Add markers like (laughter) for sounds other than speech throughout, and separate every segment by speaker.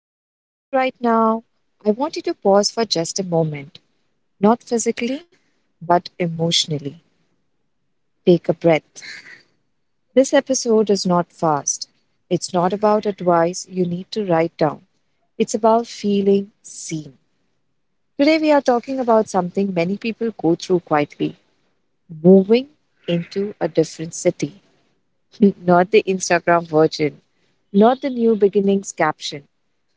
Speaker 1: If you're listening right now, I want you to pause for just a moment, not physically, but emotionally. Take a breath. This episode is not fast. It's not about advice you need to write down. It's about feeling seen. Today, we are talking about something many people go through quietly moving into a different city. (laughs) Not the Instagram version, not the new beginnings caption,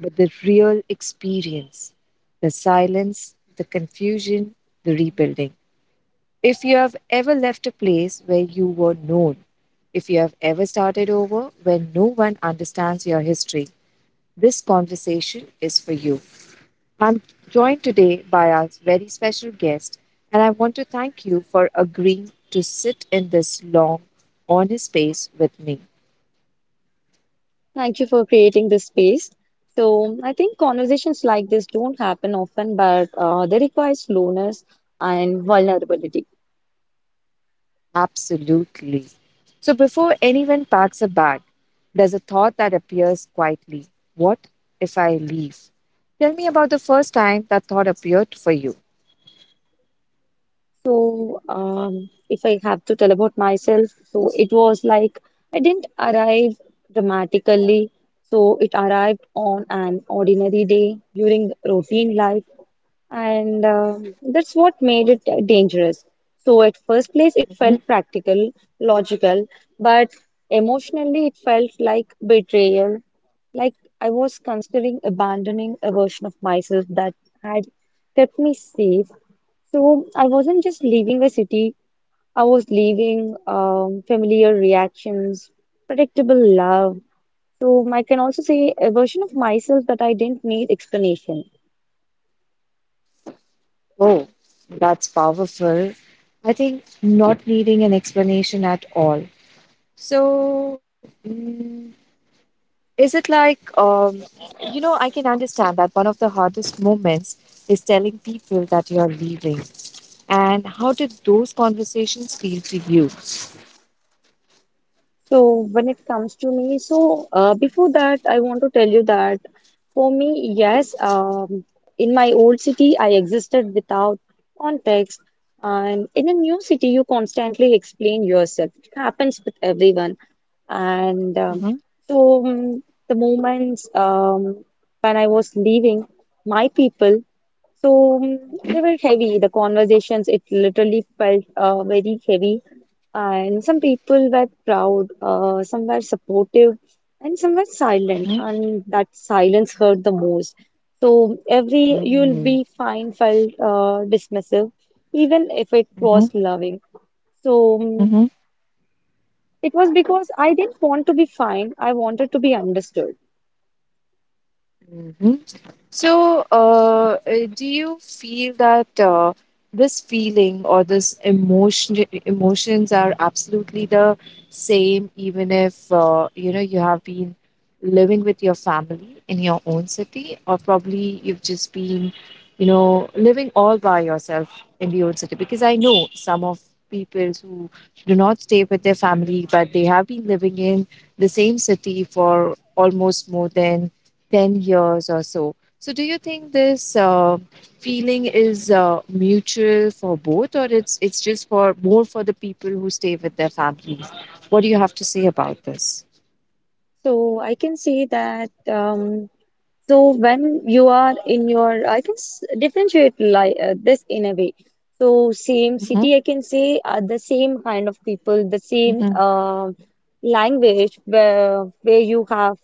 Speaker 1: but the real experience, the silence, the confusion, the rebuilding. If you have ever left a place where you were known, if you have ever started over when no one understands your history, this conversation is for you. I'm joined today by our very special guest, and I want to thank you for agreeing to sit in this long, honest space with me.
Speaker 2: Thank you for creating this space. So, I think conversations like this don't happen often, but they require slowness and vulnerability.
Speaker 1: Absolutely. So before anyone packs a bag, there's a thought that appears quietly. What if I leave? Tell me about the first time that thought appeared for you.
Speaker 2: If I have to tell about myself, so it was like I didn't arrive dramatically. So, it arrived on an ordinary day during routine life. And that's what made it dangerous. So, at first place, it
Speaker 1: Mhm.
Speaker 2: felt practical, logical, but emotionally, it felt like betrayal. Like I was considering abandoning a version of myself that had kept me safe. So, I wasn't just leaving a city, I was leaving familiar reactions, predictable love. So, I can also say a version of myself that I didn't need explanation.
Speaker 1: Oh, that's powerful. I think not needing an explanation at all. So, is it like, I can understand that one of the hardest moments is telling people that you're leaving. And how did those conversations feel to you?
Speaker 2: So when it comes to me, so before that, I want to tell you that for me, yes, in my old city, I existed without context, and in a new city, you constantly explain yourself. It happens with everyone, and
Speaker 1: Mhm,
Speaker 2: so um, the moments when I was leaving my people. So mm, they were heavy. The conversations, it literally felt very heavy. And some people were proud, some were supportive, and some were silent.
Speaker 1: mhm.
Speaker 2: And that silence hurt the most. So every you'll
Speaker 1: Mm,
Speaker 2: be fine felt dismissive, even if it
Speaker 1: mhm,
Speaker 2: was loving. So
Speaker 1: mhm,
Speaker 2: it was because I didn't want to be fine. I wanted to be understood.
Speaker 1: mhm. So, do you feel that this feeling or this emotions are absolutely the same, even if you have been living with your family in your own city, or probably you've just been, living all by yourself in your own city? Because I know some of people who do not stay with their family, but they have been living in the same city for almost more than 10 years or so, do you think this feeling is mutual for both, or it's just for more for the people who stay with their families? What do you have to say about this?
Speaker 2: So I can say that. So when you are in your, I can differentiate like this in a way. So same
Speaker 1: Mm-hmm.
Speaker 2: city, I can say are the same kind of people, the same
Speaker 1: Mm-hmm.
Speaker 2: language where you have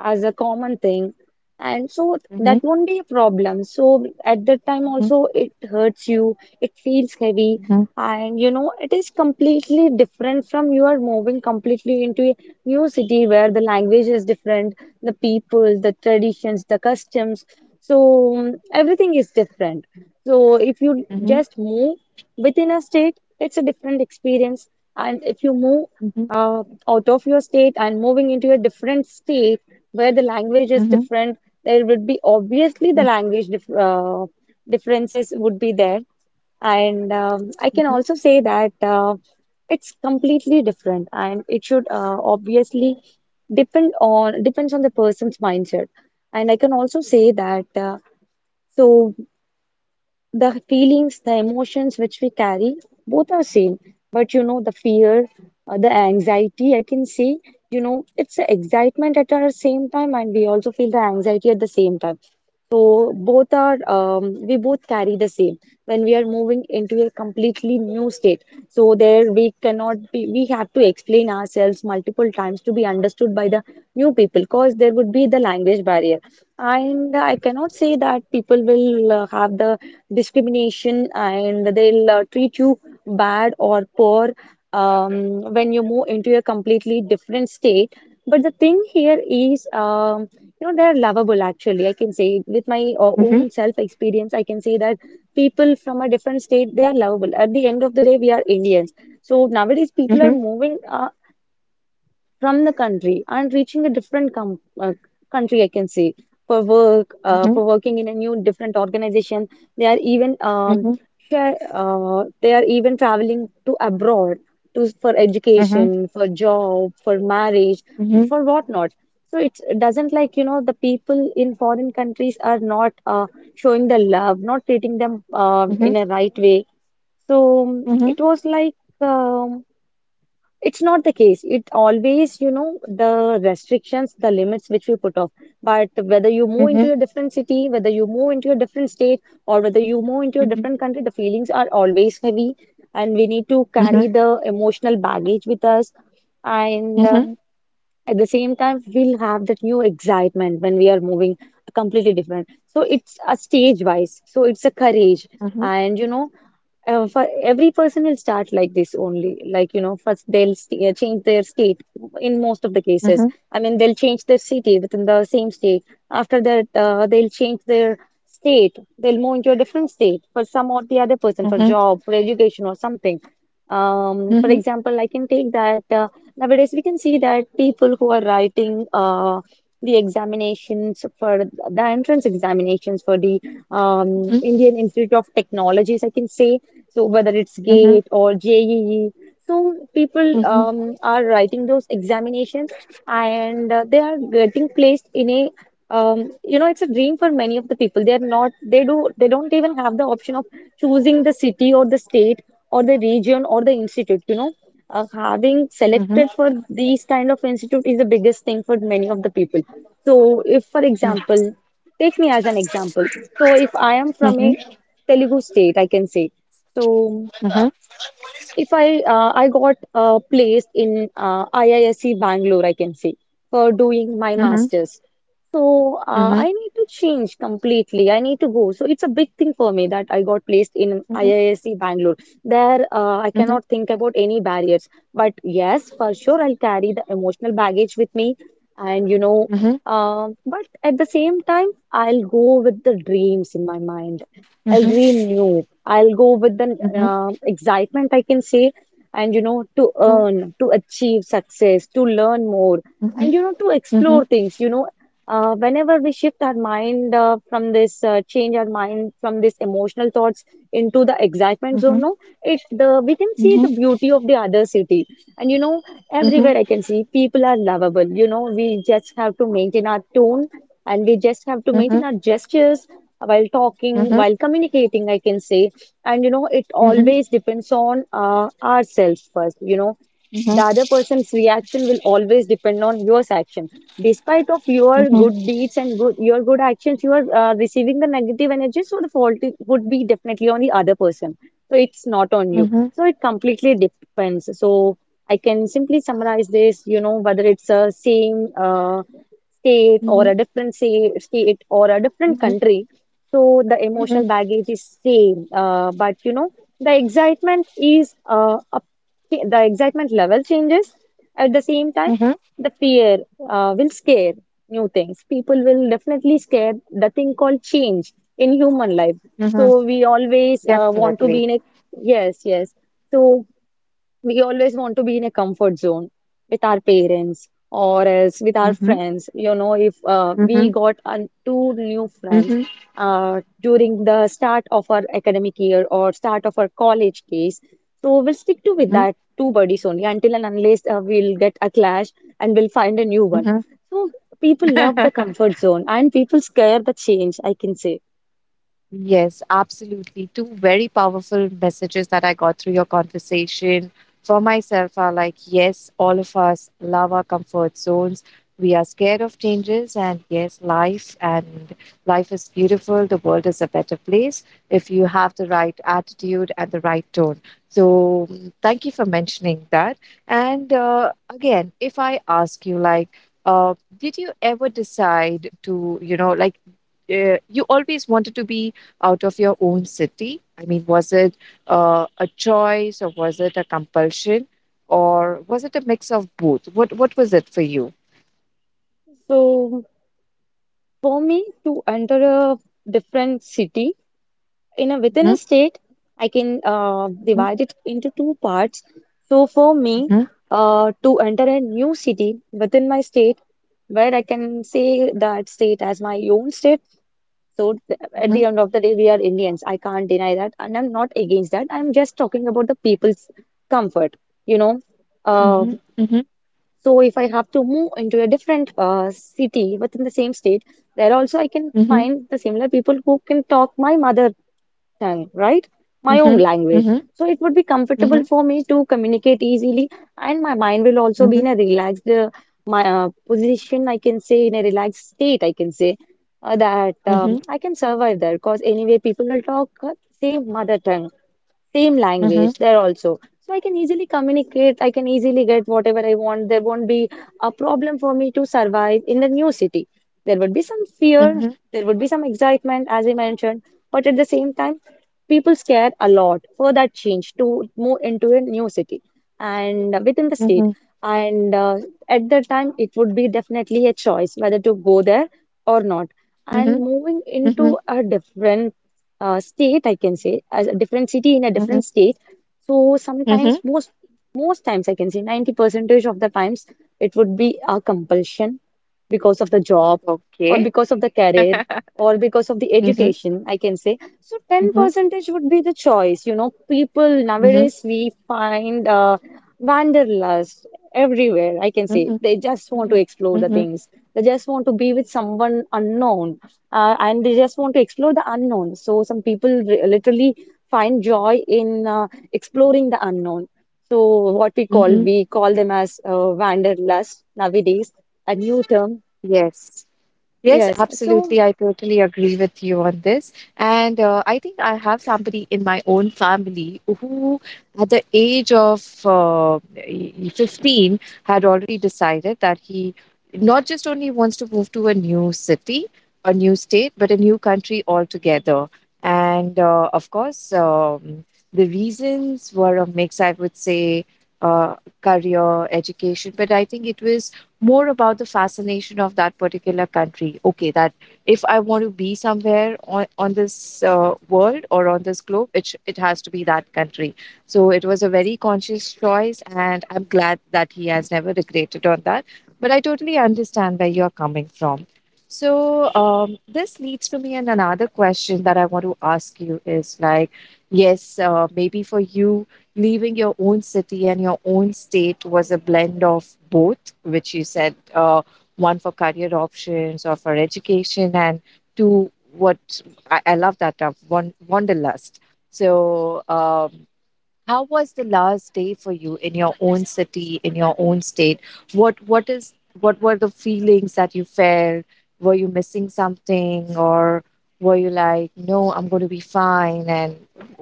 Speaker 2: as a common thing, and so that
Speaker 1: Mm-hmm.
Speaker 2: won't be a problem. So at that time
Speaker 1: Mm-hmm.
Speaker 2: also it hurts you, it feels heavy, and you know, it is completely different from you are moving completely into a new city where the language is different, the people, the traditions, the customs. So everything is different. So if you
Speaker 1: Mm-hmm. Mm-hmm.
Speaker 2: just move within a state, it's a different experience. And if you move uh, out of your state and moving into a different state where the language is
Speaker 1: Mm-hmm.
Speaker 2: different, there would be obviously the language differences would be there. And I can
Speaker 1: Mm-hmm. Mm-hmm.
Speaker 2: also say that it's completely different, and it should obviously depends on the person's mindset. And I can also say that so the feelings, the emotions which we carry, both are same. But you know, the fear, the anxiety, I can say, you know, it's the excitement at our same time, and we also feel the anxiety at the same time. So both are, we both carry the same when we are moving into a completely new state. So there we cannot be, we have to explain ourselves multiple times to be understood by the new people, because there would be the language barrier and I cannot say that people will have the discrimination and they'll treat you bad or poor when you move into a completely different state. But the thing here is, you know, they're lovable actually. I can say with my own self experience, I can say that people from a different state, they are lovable. At the end of the day, we are Indians. So nowadays, people are
Speaker 1: Mm-hmm.
Speaker 2: moving. From the country and reaching a different com country, I can say, for work,
Speaker 1: Mm-hmm. Mm-hmm.
Speaker 2: for working in a new different organization. They are even
Speaker 1: Mm-hmm.
Speaker 2: they are even traveling to abroad to for
Speaker 1: Mm-hmm.
Speaker 2: education, for job, for marriage,
Speaker 1: Mm-hmm. Mm-hmm.
Speaker 2: for whatnot. So it's, it doesn't like you know the people in foreign countries are not showing the love, not treating them
Speaker 1: Mm-hmm. Mm-hmm.
Speaker 2: in a right way. So it was like. Um it's not the case. It always, you know, the restrictions, the limits which we put off. But whether you move into a different city, whether you move into a different state, or whether you move into a different country, the feelings are always heavy, and we need to
Speaker 1: Mm-hmm.
Speaker 2: carry the emotional baggage with us.
Speaker 1: Mm-hmm. Mm-hmm.
Speaker 2: And
Speaker 1: Mm-hmm. Mm-hmm.
Speaker 2: at the same time, we'll have that new excitement when we are moving completely different. So it's a stage wise. So it's a courage. And you know, for every person will start like this only. Like, you know, first they'll st change their state in most of the
Speaker 1: Mm-hmm. Mm-hmm.
Speaker 2: cases. I mean, they'll change their city within the same state. After that, they'll change their state. They'll move into a different state for some or the other person, for
Speaker 1: Mm-hmm. Mm-hmm.
Speaker 2: job, for education or something. For example, I can take that nowadays we can see that people who are writing the examinations for the entrance examinations for the Indian Institute of Technologies, I can say. So whether it's
Speaker 1: Mm-hmm.
Speaker 2: GATE or JEE, so people are writing those examinations and they are getting placed in a you know, it's a dream for many of the people. They're not, they do, they don't even have the option of choosing the city or the state or the region or the institute, you know. Having selected for these kind of institute is the biggest thing for many of the people. So if, for example, take me as an example. So if I am from a Telugu state, I can say. So if I got placed in IISc Bangalore, I can say, for doing my master's. So I need to change completely. I need to go. So it's a big thing for me that I got placed in IISc Bangalore. There, I
Speaker 1: Mm-hmm.
Speaker 2: cannot think about any barriers. But yes, for sure, I'll carry the emotional baggage with me. And you know,
Speaker 1: Mm-hmm.
Speaker 2: but at the same time, I'll go with the dreams in my mind. I'll dream new. I'll go with the
Speaker 1: Mm-hmm.
Speaker 2: excitement, I can say, and you know, to
Speaker 1: Mhm,
Speaker 2: earn, to achieve success, to learn more,
Speaker 1: mhm,
Speaker 2: and you know, to explore
Speaker 1: mhm,
Speaker 2: things. You know. Whenever we shift our mind, change our mind from this emotional thoughts into the excitement zone,
Speaker 1: mhm,
Speaker 2: no, it the we can see
Speaker 1: mhm,
Speaker 2: the beauty of the other city. And you know,
Speaker 1: mhm, mhm,
Speaker 2: everywhere I can see people are lovable. You know, we just have to maintain our tone and we just have to maintain
Speaker 1: mhm,
Speaker 2: our gestures while talking,
Speaker 1: mhm,
Speaker 2: while communicating, I can say. And you know, it
Speaker 1: mhm,
Speaker 2: always depends on ourselves first. You know,
Speaker 1: mhm,
Speaker 2: the other person's reaction will always depend on your action despite of your
Speaker 1: mhm,
Speaker 2: good deeds and good, your good actions you are receiving the negative energy, so the fault would be definitely on the other person. So it's not on you,
Speaker 1: mhm,
Speaker 2: so it completely depends. So I can simply summarize this, you know, whether it's a same state or
Speaker 1: mhm,
Speaker 2: a different state or a different country, so the
Speaker 1: mhm,
Speaker 2: emotional baggage is same, but you know the excitement is the excitement level changes. At the same time,
Speaker 1: mhm,
Speaker 2: the fear will scare new things. People will definitely scare the thing called change in human life.
Speaker 1: mhm.
Speaker 2: So we always want to
Speaker 1: Definitely.
Speaker 2: be in a yes, yes. So we always want to be in a comfort zone with our parents or else with our
Speaker 1: Mm-hmm.
Speaker 2: friends. You know, if
Speaker 1: Mm-hmm.
Speaker 2: we got two new friends during the start of our academic year or start of our college days, so we'll stick to with that two buddies only until and unless we'll get a clash and we'll find a new one.
Speaker 1: Mm-hmm.
Speaker 2: So people love the comfort zone and people scare the change, I can say.
Speaker 1: Yes, absolutely. Two very powerful messages that I got through your conversation for myself are like, yes, all of us love our comfort zones. We are scared of changes, and yes, life is beautiful. The world is a better place if you have the right attitude and the right tone. So, thank you for mentioning that. And again, if I ask you, like, did you ever decide to, like, you always wanted to be out of your own city? I mean, was it a choice or was it a compulsion or was it a mix of both? What was it for you?
Speaker 2: So for me to enter a different city in a within
Speaker 1: Mhm,
Speaker 2: a state I can
Speaker 1: mhm,
Speaker 2: divide it into two parts, so for me
Speaker 1: mhm,
Speaker 2: to enter a new city within my state where I can say that state as my own state, so at
Speaker 1: mhm,
Speaker 2: the end of the day we are Indians, I can't deny that, and I'm not against that, I'm just talking about the people's comfort, you know, uh,
Speaker 1: mhm, mhm,
Speaker 2: so if I have to move into a different city within the same state, there also I can
Speaker 1: mhm,
Speaker 2: find the similar people who can talk my mother tongue, right? My own
Speaker 1: mhm,
Speaker 2: language.
Speaker 1: mhm,
Speaker 2: So it would be comfortable
Speaker 1: mhm,
Speaker 2: for me to communicate easily, and my mind will also be
Speaker 1: mhm,
Speaker 2: in a relaxed my position. I can say in a relaxed state. I can say that
Speaker 1: mhm,
Speaker 2: I can survive there because anyway people will talk same mother tongue, same
Speaker 1: mhm,
Speaker 2: language there also. So I can easily communicate, I can easily get whatever I want. There won't be a problem for me to survive in the new city. There would be some fear,
Speaker 1: mhm,
Speaker 2: there would be some excitement, as I mentioned, but at the same time, people scare a lot for that change to move into a new city and within the state.
Speaker 1: mhm,
Speaker 2: And at that time it would be definitely a choice whether to go there or not.
Speaker 1: mhm,
Speaker 2: And moving
Speaker 1: mhm,
Speaker 2: into a different state, I can say, as a different city in a
Speaker 1: mhm,
Speaker 2: different state. So
Speaker 1: mhm.
Speaker 2: sometimes, most most times, I can say, 90 percentage of the times, it would be a compulsion because of the job, or
Speaker 1: Okay.
Speaker 2: because of the career,
Speaker 1: (laughs)
Speaker 2: or because of the
Speaker 1: Mhm,
Speaker 2: education, I can say. So 10
Speaker 1: mhm,
Speaker 2: percentage would be the choice. You know, people
Speaker 1: mhm,
Speaker 2: nowadays we find wanderlust everywhere, I can say.
Speaker 1: mhm,
Speaker 2: They just want to
Speaker 1: mhm,
Speaker 2: explore the
Speaker 1: mhm,
Speaker 2: things. They just want to be with someone unknown, and they just want to explore the unknown. So some people literally find joy in exploring the unknown. So what
Speaker 1: mhm.
Speaker 2: we call them as wanderlust nowadays, a new term.
Speaker 1: Yes. Yes,
Speaker 2: Yes. So,
Speaker 1: absolutely. I totally agree with you on this. And I think I have somebody in my own family who, at the age of 15, had already decided that he not just only wants to move to a new city, a new state, but a new country altogether. And of course, the reasons were a mix, I would say, uh, career, education, but I think it was more about the fascination of that particular country. Okay, that if I want to be somewhere on this world or on this globe, it has to be that country. So it was a very conscious choice, and I'm glad that he has never regretted on that. But I totally understand where you're coming from. So, this leads to me and another question that I want to ask you is like, yes, maybe for you leaving your own city and your own state was a blend of both, which you said one for career options or for education, and two, what I love that term, wanderlust. So, how was the last day for you in your own city, in your own state? What what is what were the feelings that you felt? Were you missing something, or were you like, no, I'm going to be fine? And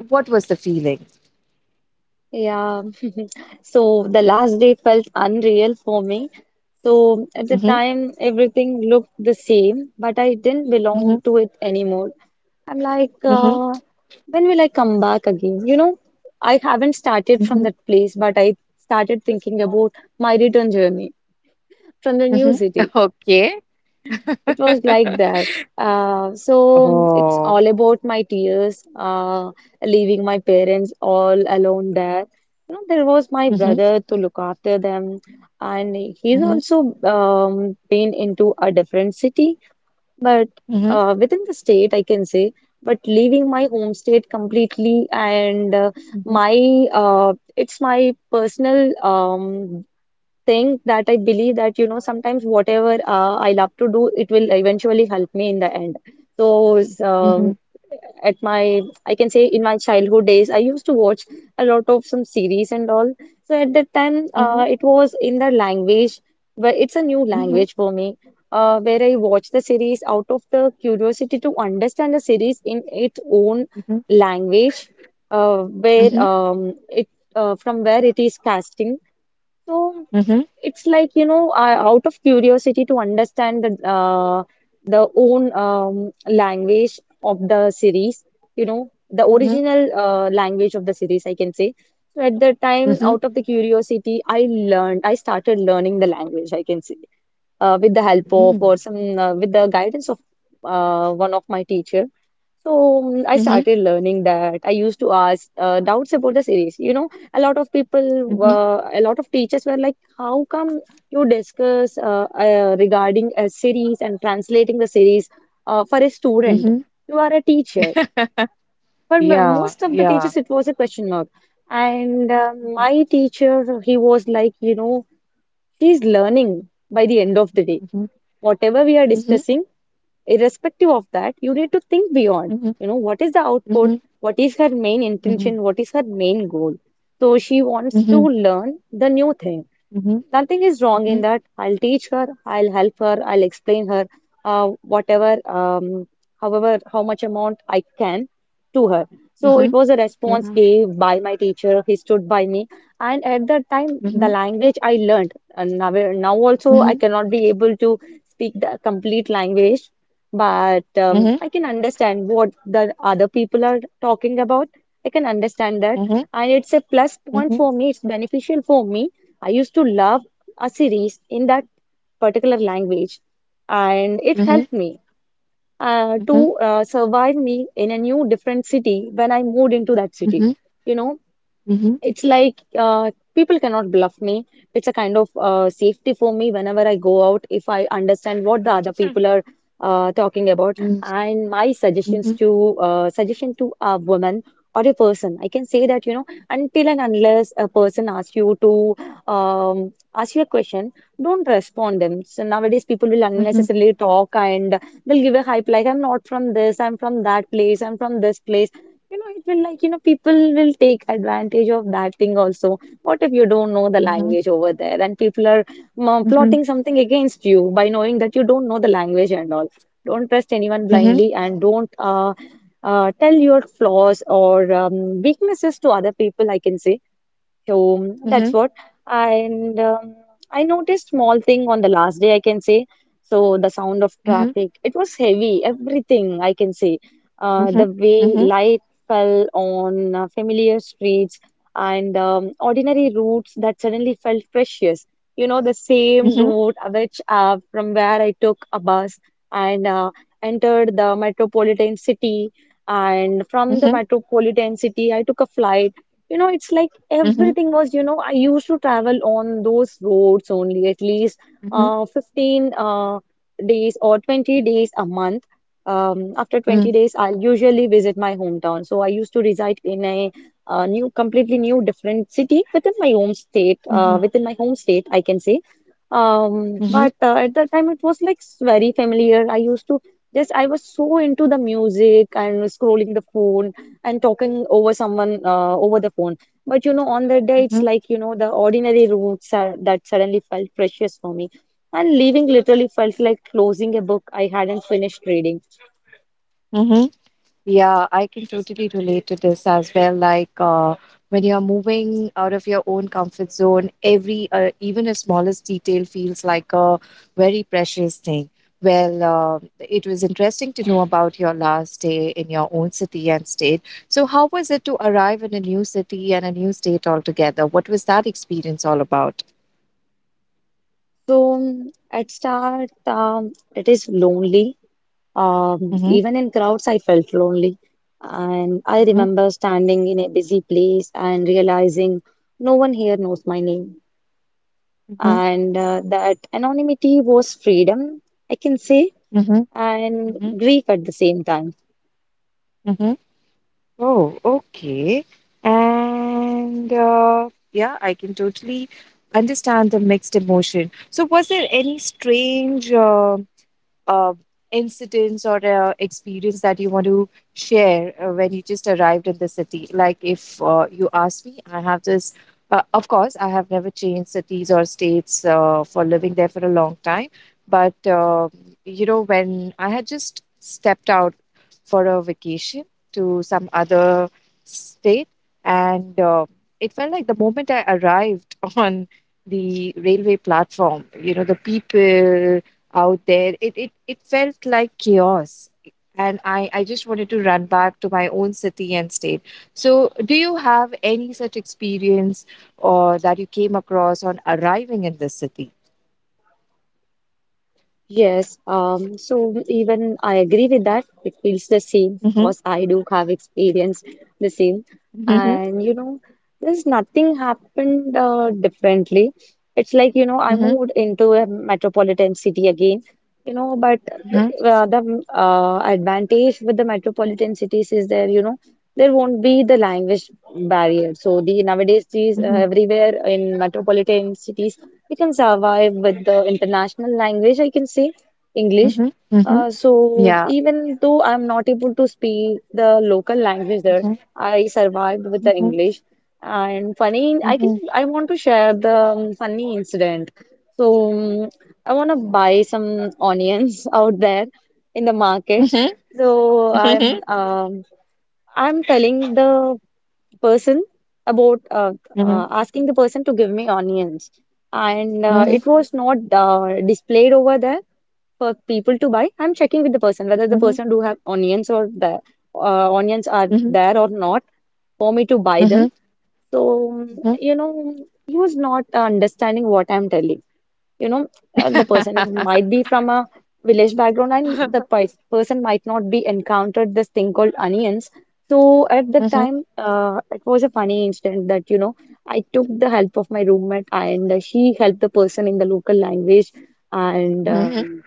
Speaker 1: what was the feeling?
Speaker 2: yeah. (laughs) So the last day felt unreal for me. So at the
Speaker 1: Hmm.
Speaker 2: time, everything looked the same, but I didn't belong to it anymore. I'm like,
Speaker 1: Mhm,
Speaker 2: when will I come back again? You know, I haven't started
Speaker 1: mhm,
Speaker 2: from
Speaker 1: mhm.
Speaker 2: that place, but I started thinking about my return journey from the new
Speaker 1: (laughs)
Speaker 2: city.
Speaker 1: Okay.
Speaker 2: It was like that. So it's
Speaker 1: Oh.
Speaker 2: all about my tears, leaving my parents all alone there. You know, there was my
Speaker 1: Mhm,
Speaker 2: brother to look after them, and he's
Speaker 1: mhm,
Speaker 2: also been into a different city, but
Speaker 1: mhm,
Speaker 2: within the state, I can say. But leaving my home state completely, and
Speaker 1: mhm, mhm,
Speaker 2: my it's my personal thing that I believe that, you know, sometimes whatever I love to do, it will eventually help me in the end. So,
Speaker 1: mhm,
Speaker 2: at my, I can say, in my childhood days, I used to watch a lot of some series and all. So, at that time,
Speaker 1: mhm,
Speaker 2: it was in the language, but it's a new
Speaker 1: mhm,
Speaker 2: language for me. Where I watched the series out of the curiosity to understand the series in its own
Speaker 1: mhm,
Speaker 2: language, where
Speaker 1: mhm,
Speaker 2: it from where it is casting. So
Speaker 1: mhm,
Speaker 2: it's like, you know, I, out of curiosity to understand the own language of the series, you know, the original language of the series, I can say. So at that time,
Speaker 1: mhm.
Speaker 2: out of the curiosity, I learned, I started learning the language, I can say, with the help of,
Speaker 1: Mm.
Speaker 2: or some with the guidance of one of my teacher. So I
Speaker 1: Mhm,
Speaker 2: started learning that. I used to ask doubts about the series. You know, a lot of people
Speaker 1: mhm,
Speaker 2: were, a lot of teachers were like, "How come you discuss regarding a series and translating the series for a student?
Speaker 1: mhm.
Speaker 2: You are a teacher." But
Speaker 1: Yeah,
Speaker 2: most of the
Speaker 1: yeah.
Speaker 2: teachers, it was a question mark. And
Speaker 1: Mhm,
Speaker 2: my teacher, he was like, you know, she's learning by the end of the day.
Speaker 1: mhm,
Speaker 2: Whatever we are
Speaker 1: mhm,
Speaker 2: discussing, irrespective of that, you need to think beyond,
Speaker 1: mhm,
Speaker 2: you know, what is the output,
Speaker 1: mhm,
Speaker 2: what is her main
Speaker 1: mhm,
Speaker 2: intention, what is her main goal. So she wants to
Speaker 1: mhm,
Speaker 2: learn the new thing.
Speaker 1: mhm,
Speaker 2: Nothing is
Speaker 1: mhm,
Speaker 2: wrong in
Speaker 1: mhm,
Speaker 2: that. I'll teach her, I'll help her, I'll explain her whatever, however, how much amount I can, to her. So it
Speaker 1: mhm,
Speaker 2: was a
Speaker 1: mhm,
Speaker 2: response
Speaker 1: mhm,
Speaker 2: gave by my teacher. He stood by me, and at that time,
Speaker 1: mhm,
Speaker 2: the language I learned. And now, now
Speaker 1: mhm, mhm,
Speaker 2: also,
Speaker 1: mhm,
Speaker 2: I cannot be able to speak the complete language, but
Speaker 1: mhm, mhm,
Speaker 2: I can understand what the other people are talking about. I can understand that, and it's a plus
Speaker 1: mhm, mhm, mhm,
Speaker 2: point
Speaker 1: mhm,
Speaker 2: for me. It's beneficial for me. I used to love a series in that particular language, and it
Speaker 1: mhm,
Speaker 2: helped me uh,
Speaker 1: mhm, mhm, mhm,
Speaker 2: to
Speaker 1: mhm,
Speaker 2: uh, survive me in a new different city when I moved into that city. You know,
Speaker 1: mhm,
Speaker 2: it's like people cannot bluff me. It's a kind of safety for me whenever I go out, if I understand what the other people are talking about. And my suggestions to suggestion to a woman or a person, I can say that, you know, until and unless a person asks you to ask you a question, don't respond them. So nowadays people will unnecessarily talk and they'll give a hype like, I'm not from this, I'm from that place, I'm from this place. You know, it will like, you know, people will take advantage of that thing also. What if you don't know the language over there and people are plotting something against you by knowing that you don't know the language and all? Don't trust anyone blindly, and don't tell your flaws or weaknesses to other people, I can say, so that's what. And I noticed small thing on the last day, I can say. So the sound of traffic, it was heavy, everything I can say. The way
Speaker 1: mhm,
Speaker 2: light fell on familiar streets and ordinary routes that suddenly felt precious. You know, the
Speaker 1: mhm,
Speaker 2: same
Speaker 1: mhm.
Speaker 2: route which from where I took a bus and entered the metropolitan city. And from the
Speaker 1: Mhm.
Speaker 2: metropolitan city, I took a flight. You know, it's like
Speaker 1: Mhm,
Speaker 2: everything was, you know, I used to travel on those roads only at least
Speaker 1: mhm,
Speaker 2: 15 days or 20 days a month. After 20
Speaker 1: mm,
Speaker 2: days, I'll usually visit my hometown. So I used to reside in a, uh, new, completely new, different city within my home state,
Speaker 1: mhm,
Speaker 2: I can say. Um,
Speaker 1: mhm,
Speaker 2: but uh, at that time, it was like very familiar. I used to just, I was so into the music and scrolling the phone and talking over someone over the phone. But you know, on that day, it's
Speaker 1: mhm,
Speaker 2: like, you know, the ordinary roots are, that suddenly felt precious for me. And leaving literally felt like closing a book I hadn't finished reading.
Speaker 1: mhm. Yeah, I can totally relate to this as well. Like, when you're moving out of your own comfort zone, every even a smallest detail feels like a very precious thing. Well, it was interesting to know about your last day in your own city and state. So, how was it to arrive in a new city and a new state altogether? What was that experience all about?
Speaker 2: So at start, it is lonely.
Speaker 1: Mm-hmm,
Speaker 2: Even in crowds, I felt lonely. And I
Speaker 1: mm-hmm,
Speaker 2: remember standing in a busy place and realizing no one here knows my name.
Speaker 1: mm-hmm,
Speaker 2: And that anonymity was freedom, I can say,
Speaker 1: mm-hmm,
Speaker 2: and grief at the same time.
Speaker 1: mm-hmm. Oh, okay. And yeah, I can totally understand the mixed emotion. So, was there any strange uh, incidents or experience that you want to share when you just arrived in the city? Like if you ask me, I have this. Of course, I have never changed cities or states for living there for a long time. But when I had just stepped out for a vacation to some other state, and it felt like the moment I arrived (laughs) on the railway platform, the people, out there it felt like chaos, and I just wanted to run back to my own city and state, so do you have any such experience or that you came across on arriving in this city?
Speaker 2: Yes, so even I agree with that. It feels the same
Speaker 1: Mhm,
Speaker 2: because I do have experienced the same.
Speaker 1: mhm,
Speaker 2: And you know, there's nothing happened differently. It's like, you know, I
Speaker 1: mhm,
Speaker 2: moved into a metropolitan city again, you know, but
Speaker 1: mhm,
Speaker 2: the advantage with the metropolitan cities is there, you know, there won't be the language barrier. So the nowadays these
Speaker 1: mhm,
Speaker 2: everywhere in metropolitan cities we can survive with the international language, I can say, English.
Speaker 1: mhm, mhm.
Speaker 2: So
Speaker 1: Yeah.
Speaker 2: even though I'm not able to speak the local language there,
Speaker 1: Mhm,
Speaker 2: I survived with the
Speaker 1: mhm,
Speaker 2: English. And funny, I can
Speaker 1: mhm,
Speaker 2: I want to share the funny incident. So um, I want to buy some onions (laughs) out there in the market.
Speaker 1: mhm,
Speaker 2: So I'm telling the person about
Speaker 1: mhm,
Speaker 2: asking the person to give me onions, and
Speaker 1: mhm, mhm,
Speaker 2: it was not displayed over there for people to buy. I'm checking with the person whether the
Speaker 1: mhm,
Speaker 2: person do have onions or the onions are
Speaker 1: mhm,
Speaker 2: there or not for me to buy them. So,
Speaker 1: mhm,
Speaker 2: you know, he was not understanding what I'm telling, you know, the person might be from a village background and the person might not be encountered this thing called onions. So at the
Speaker 1: mhm,
Speaker 2: time, it was a funny incident that, you know, I took the help of my roommate and she helped the person in the local language. And
Speaker 1: mhm.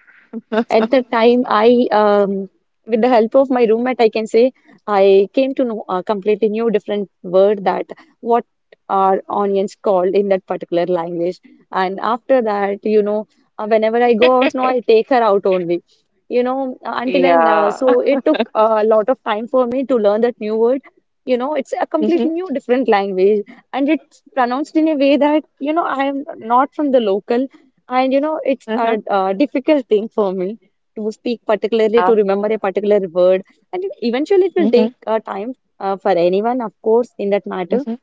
Speaker 2: at the time, I, with the help of my roommate, I can say, I came to know a completely new, different word, that what are onions called in that particular language. And after that, you know, whenever I go out now, I take her out only. You know,
Speaker 1: Yeah. (laughs)
Speaker 2: so it took a lot of time for me to learn that new word. You know, it's a completely
Speaker 1: Mhm,
Speaker 2: new, different language, and it's pronounced in a way that, you know, I am not from the local, and you know, it's a
Speaker 1: mhm,
Speaker 2: difficult thing for me to speak, particularly to
Speaker 1: ah,
Speaker 2: remember a particular word, and eventually it will
Speaker 1: mhm,
Speaker 2: take time for anyone of course in that matter.
Speaker 1: mhm,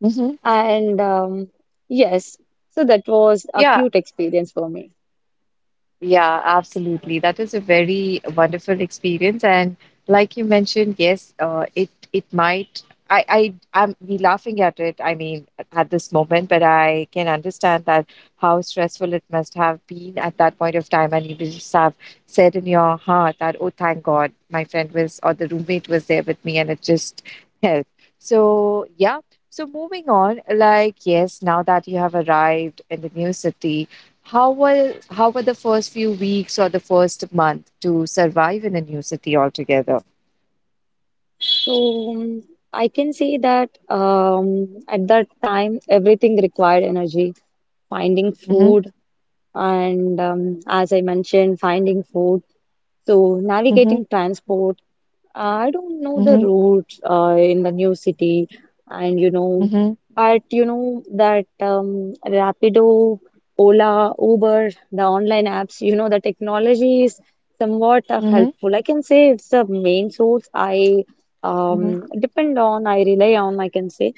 Speaker 1: mhm.
Speaker 2: And yes, so that was a
Speaker 1: Yeah.
Speaker 2: cute experience for me.
Speaker 1: Yeah, absolutely. That is a very wonderful experience. And like you mentioned, yes, it might. I'm we laughing at it. I mean, at this moment, but I can understand that how stressful it must have been at that point of time, and you will just have said in your heart that, oh, thank God, my friend was or the roommate was there with me, and it just helped. So yeah. So moving on, like yes, now that you have arrived in the new city, how were the first few weeks or the first month to survive in a new city altogether?
Speaker 2: So I can say that at that time everything required energy, finding
Speaker 1: Mhm,
Speaker 2: food, and as I mentioned, finding food. So
Speaker 1: mhm,
Speaker 2: navigating transport. I don't know the
Speaker 1: mhm,
Speaker 2: route in the new city, and you know,
Speaker 1: mhm,
Speaker 2: but you know that Rapido, Ola, Uber, the online apps, you know, the technology is somewhat
Speaker 1: mhm,
Speaker 2: helpful. I can say it's the main source I
Speaker 1: mhm,
Speaker 2: depend on, I rely on, I can say.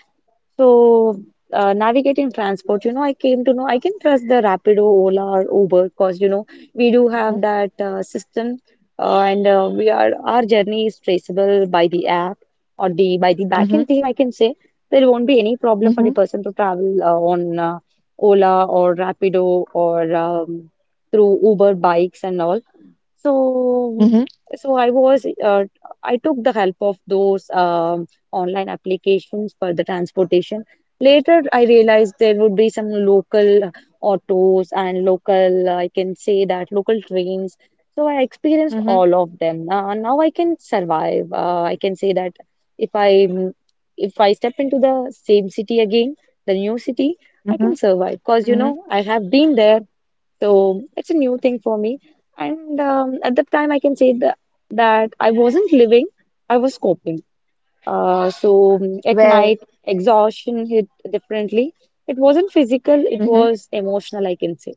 Speaker 2: So, navigating transport, you know, I came to know I can trust the Rapido, Ola, or Uber because, you know, we do
Speaker 1: mhm,
Speaker 2: have that system, and we are our journey is traceable by the app or the by the
Speaker 1: mhm,
Speaker 2: backend team. I can say there won't be any problem for
Speaker 1: mhm,
Speaker 2: the person to travel on Ola or Rapido or through Uber bikes and all. So,
Speaker 1: mhm,
Speaker 2: so I was, I took the help of those online applications for the transportation. Later, I realized there would be some local autos and local, I can say that local trains. So I experienced
Speaker 1: mhm,
Speaker 2: all of them. Now I can survive. I can say that if I if I step into the same city again, the new city, I
Speaker 1: mhm,
Speaker 2: can survive because you
Speaker 1: mhm,
Speaker 2: know I have been there. So it's a new thing for me. And at the time, I can say that I wasn't living, I was coping. So at
Speaker 1: Well,
Speaker 2: night, exhaustion hit differently. It wasn't physical, it
Speaker 1: mhm.
Speaker 2: was emotional, I can say.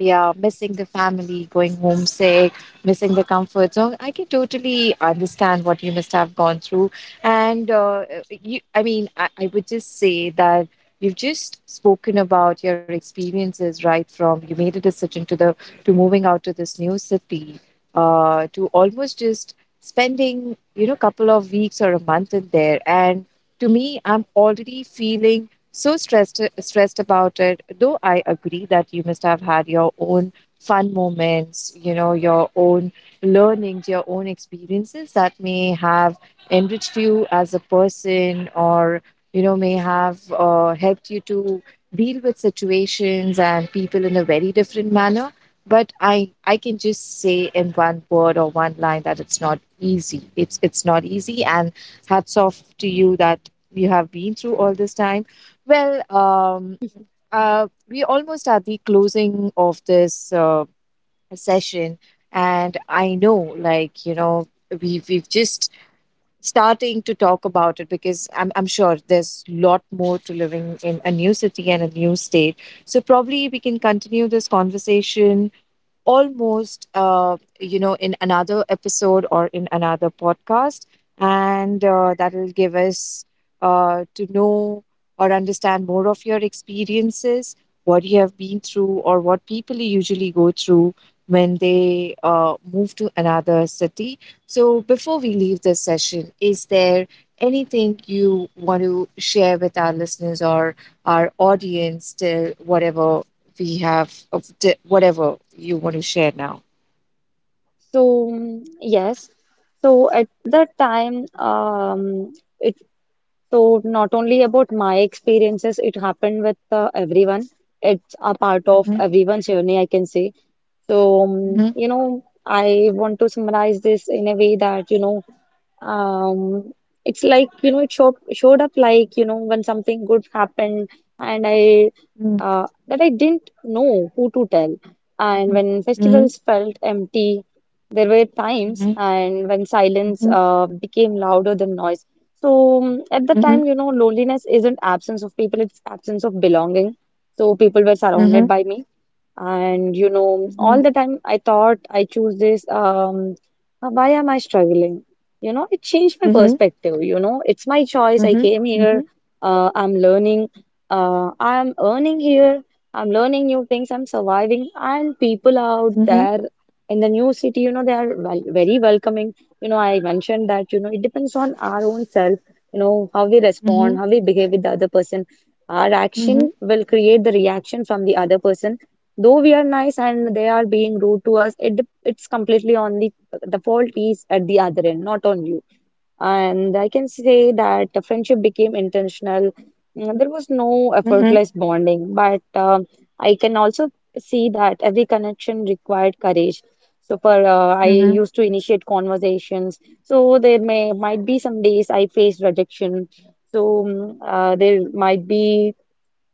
Speaker 1: Yeah, missing the family, going homesick, missing the comfort zone. I can totally understand what you must have gone through. And you, I mean, I would just say that you've just spoken about your experiences, right? From you made a decision to moving out to this new city, to almost just spending, couple of weeks or a month in there. And to me, I'm already feeling so stressed about it, though I agree that you must have had your own fun moments, your own learnings, your own experiences that may have enriched you as a person, or may have helped you to deal with situations and people in a very different manner, but I can just say in one word or one line that it's not easy, it's not easy, and hats off to you that you have been through all this time. Well, we almost at the closing of this session, and I know, like, we've just starting to talk about it because I'm sure there's lot more to living in a new city and a new state. So probably we can continue this conversation almost, in another episode or in another podcast. And that will give us to know or understand more of your experiences, what you have been through, or what people usually go through when they move to another city. So, before we leave this session, is there anything you want to share with our listeners or our audience till whatever we have whatever you want to share now.
Speaker 2: So, mm, yes. So at that time, it so not only about my experiences, it happened with everyone. It's a part of
Speaker 1: Mm-hmm.
Speaker 2: everyone's journey, I can say. So,
Speaker 1: Mm-hmm.
Speaker 2: you know, I want to summarize this in a way that, you know, um, it's like, you know, it showed up like, you know, when something good happened and I,
Speaker 1: Mm-hmm.
Speaker 2: that I didn't know who to tell. And
Speaker 1: Mm-hmm.
Speaker 2: when festivals felt empty, there were
Speaker 1: Mm-hmm.
Speaker 2: times
Speaker 1: Mm-hmm.
Speaker 2: and when silence,
Speaker 1: Mm-hmm.
Speaker 2: became louder than noise. So, at the
Speaker 1: Mm-hmm.
Speaker 2: time, you know, loneliness isn't absence of people, it's absence of belonging. So, people were
Speaker 1: Mm-hmm.
Speaker 2: surrounded by me, and you know, all the time I thought I choose this. Why am I struggling? You know, it changed my
Speaker 1: Mm-hmm. Mm-hmm. Mm-hmm.
Speaker 2: perspective. You know, it's my choice. I
Speaker 1: Mm-hmm.
Speaker 2: came
Speaker 1: Mm-hmm.
Speaker 2: here. I'm learning. I'm earning here. I'm learning new things. I'm surviving. And people out
Speaker 1: Mm-hmm.
Speaker 2: there in the new city, you know, they are, well, very welcoming. You know, I mentioned that, you know, it depends on our own self, you know, how we
Speaker 1: Mm-hmm.
Speaker 2: respond, how we behave with the other person. Our
Speaker 1: Mm-hmm.
Speaker 2: action will create the reaction from the other person. Though we are nice and they are being rude to us, it's completely on the fault is at the other end, not on you. And I can say that the friendship became intentional. Mm, there was no
Speaker 1: Mm-hmm.
Speaker 2: effortless bonding, but I can also see that every connection required courage. So for I used to initiate conversations. So there may might be some days I faced rejection. So there might be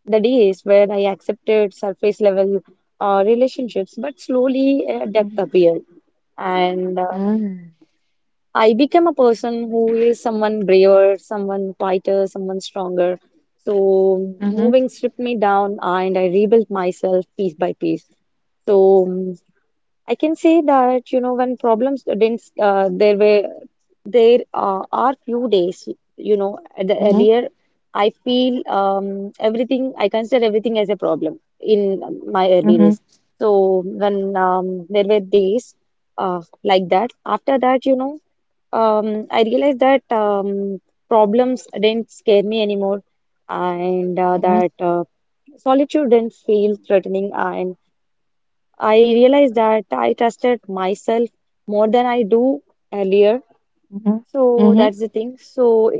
Speaker 2: the days where I accepted surface level relationships, but slowly depth appeared. And I became a person who is someone braver, someone quieter, someone stronger. So moving stripped me down and I rebuilt myself piece by piece. So I can say that, you know, when problems didn't, there were, there are few days, you know, at the earlier, I feel everything, I consider everything as a problem in my early days. So when there were days like that, after that, you know, I realized that problems didn't scare me anymore, and
Speaker 1: Mm-hmm. Mm-hmm.
Speaker 2: that solitude didn't feel threatening, and I realized that I trusted myself more than I do earlier. So
Speaker 1: Mm-hmm.
Speaker 2: that's the thing. So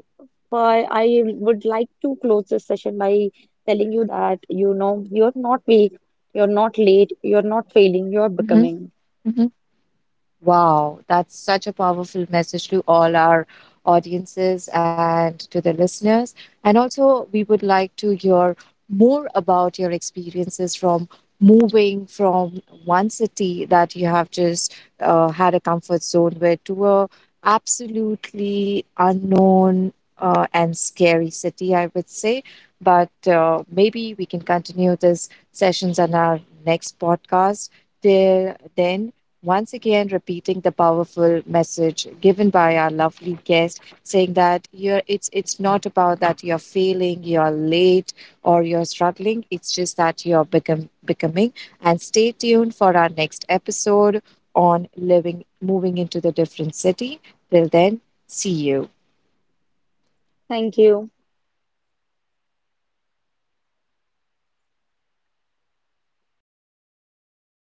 Speaker 2: I would like to close this session by telling you that you know you're not weak, you're not late, you're not failing, you're becoming.
Speaker 1: Mm-hmm. Wow, that's such a powerful message to all our audiences and to the listeners. And also, we would like to hear more about your experiences from moving from one city that you have just had a comfort zone with to a absolutely unknown and scary city, I would say. But maybe we can continue this sessions on our next podcast. Till then, once again repeating the powerful message given by our lovely guest saying that you're it's not about that you're failing, you're late, or you're struggling, it's just that you're become becoming, and stay tuned for our next episode on living moving into the different city, till then, see you.
Speaker 2: Thank you.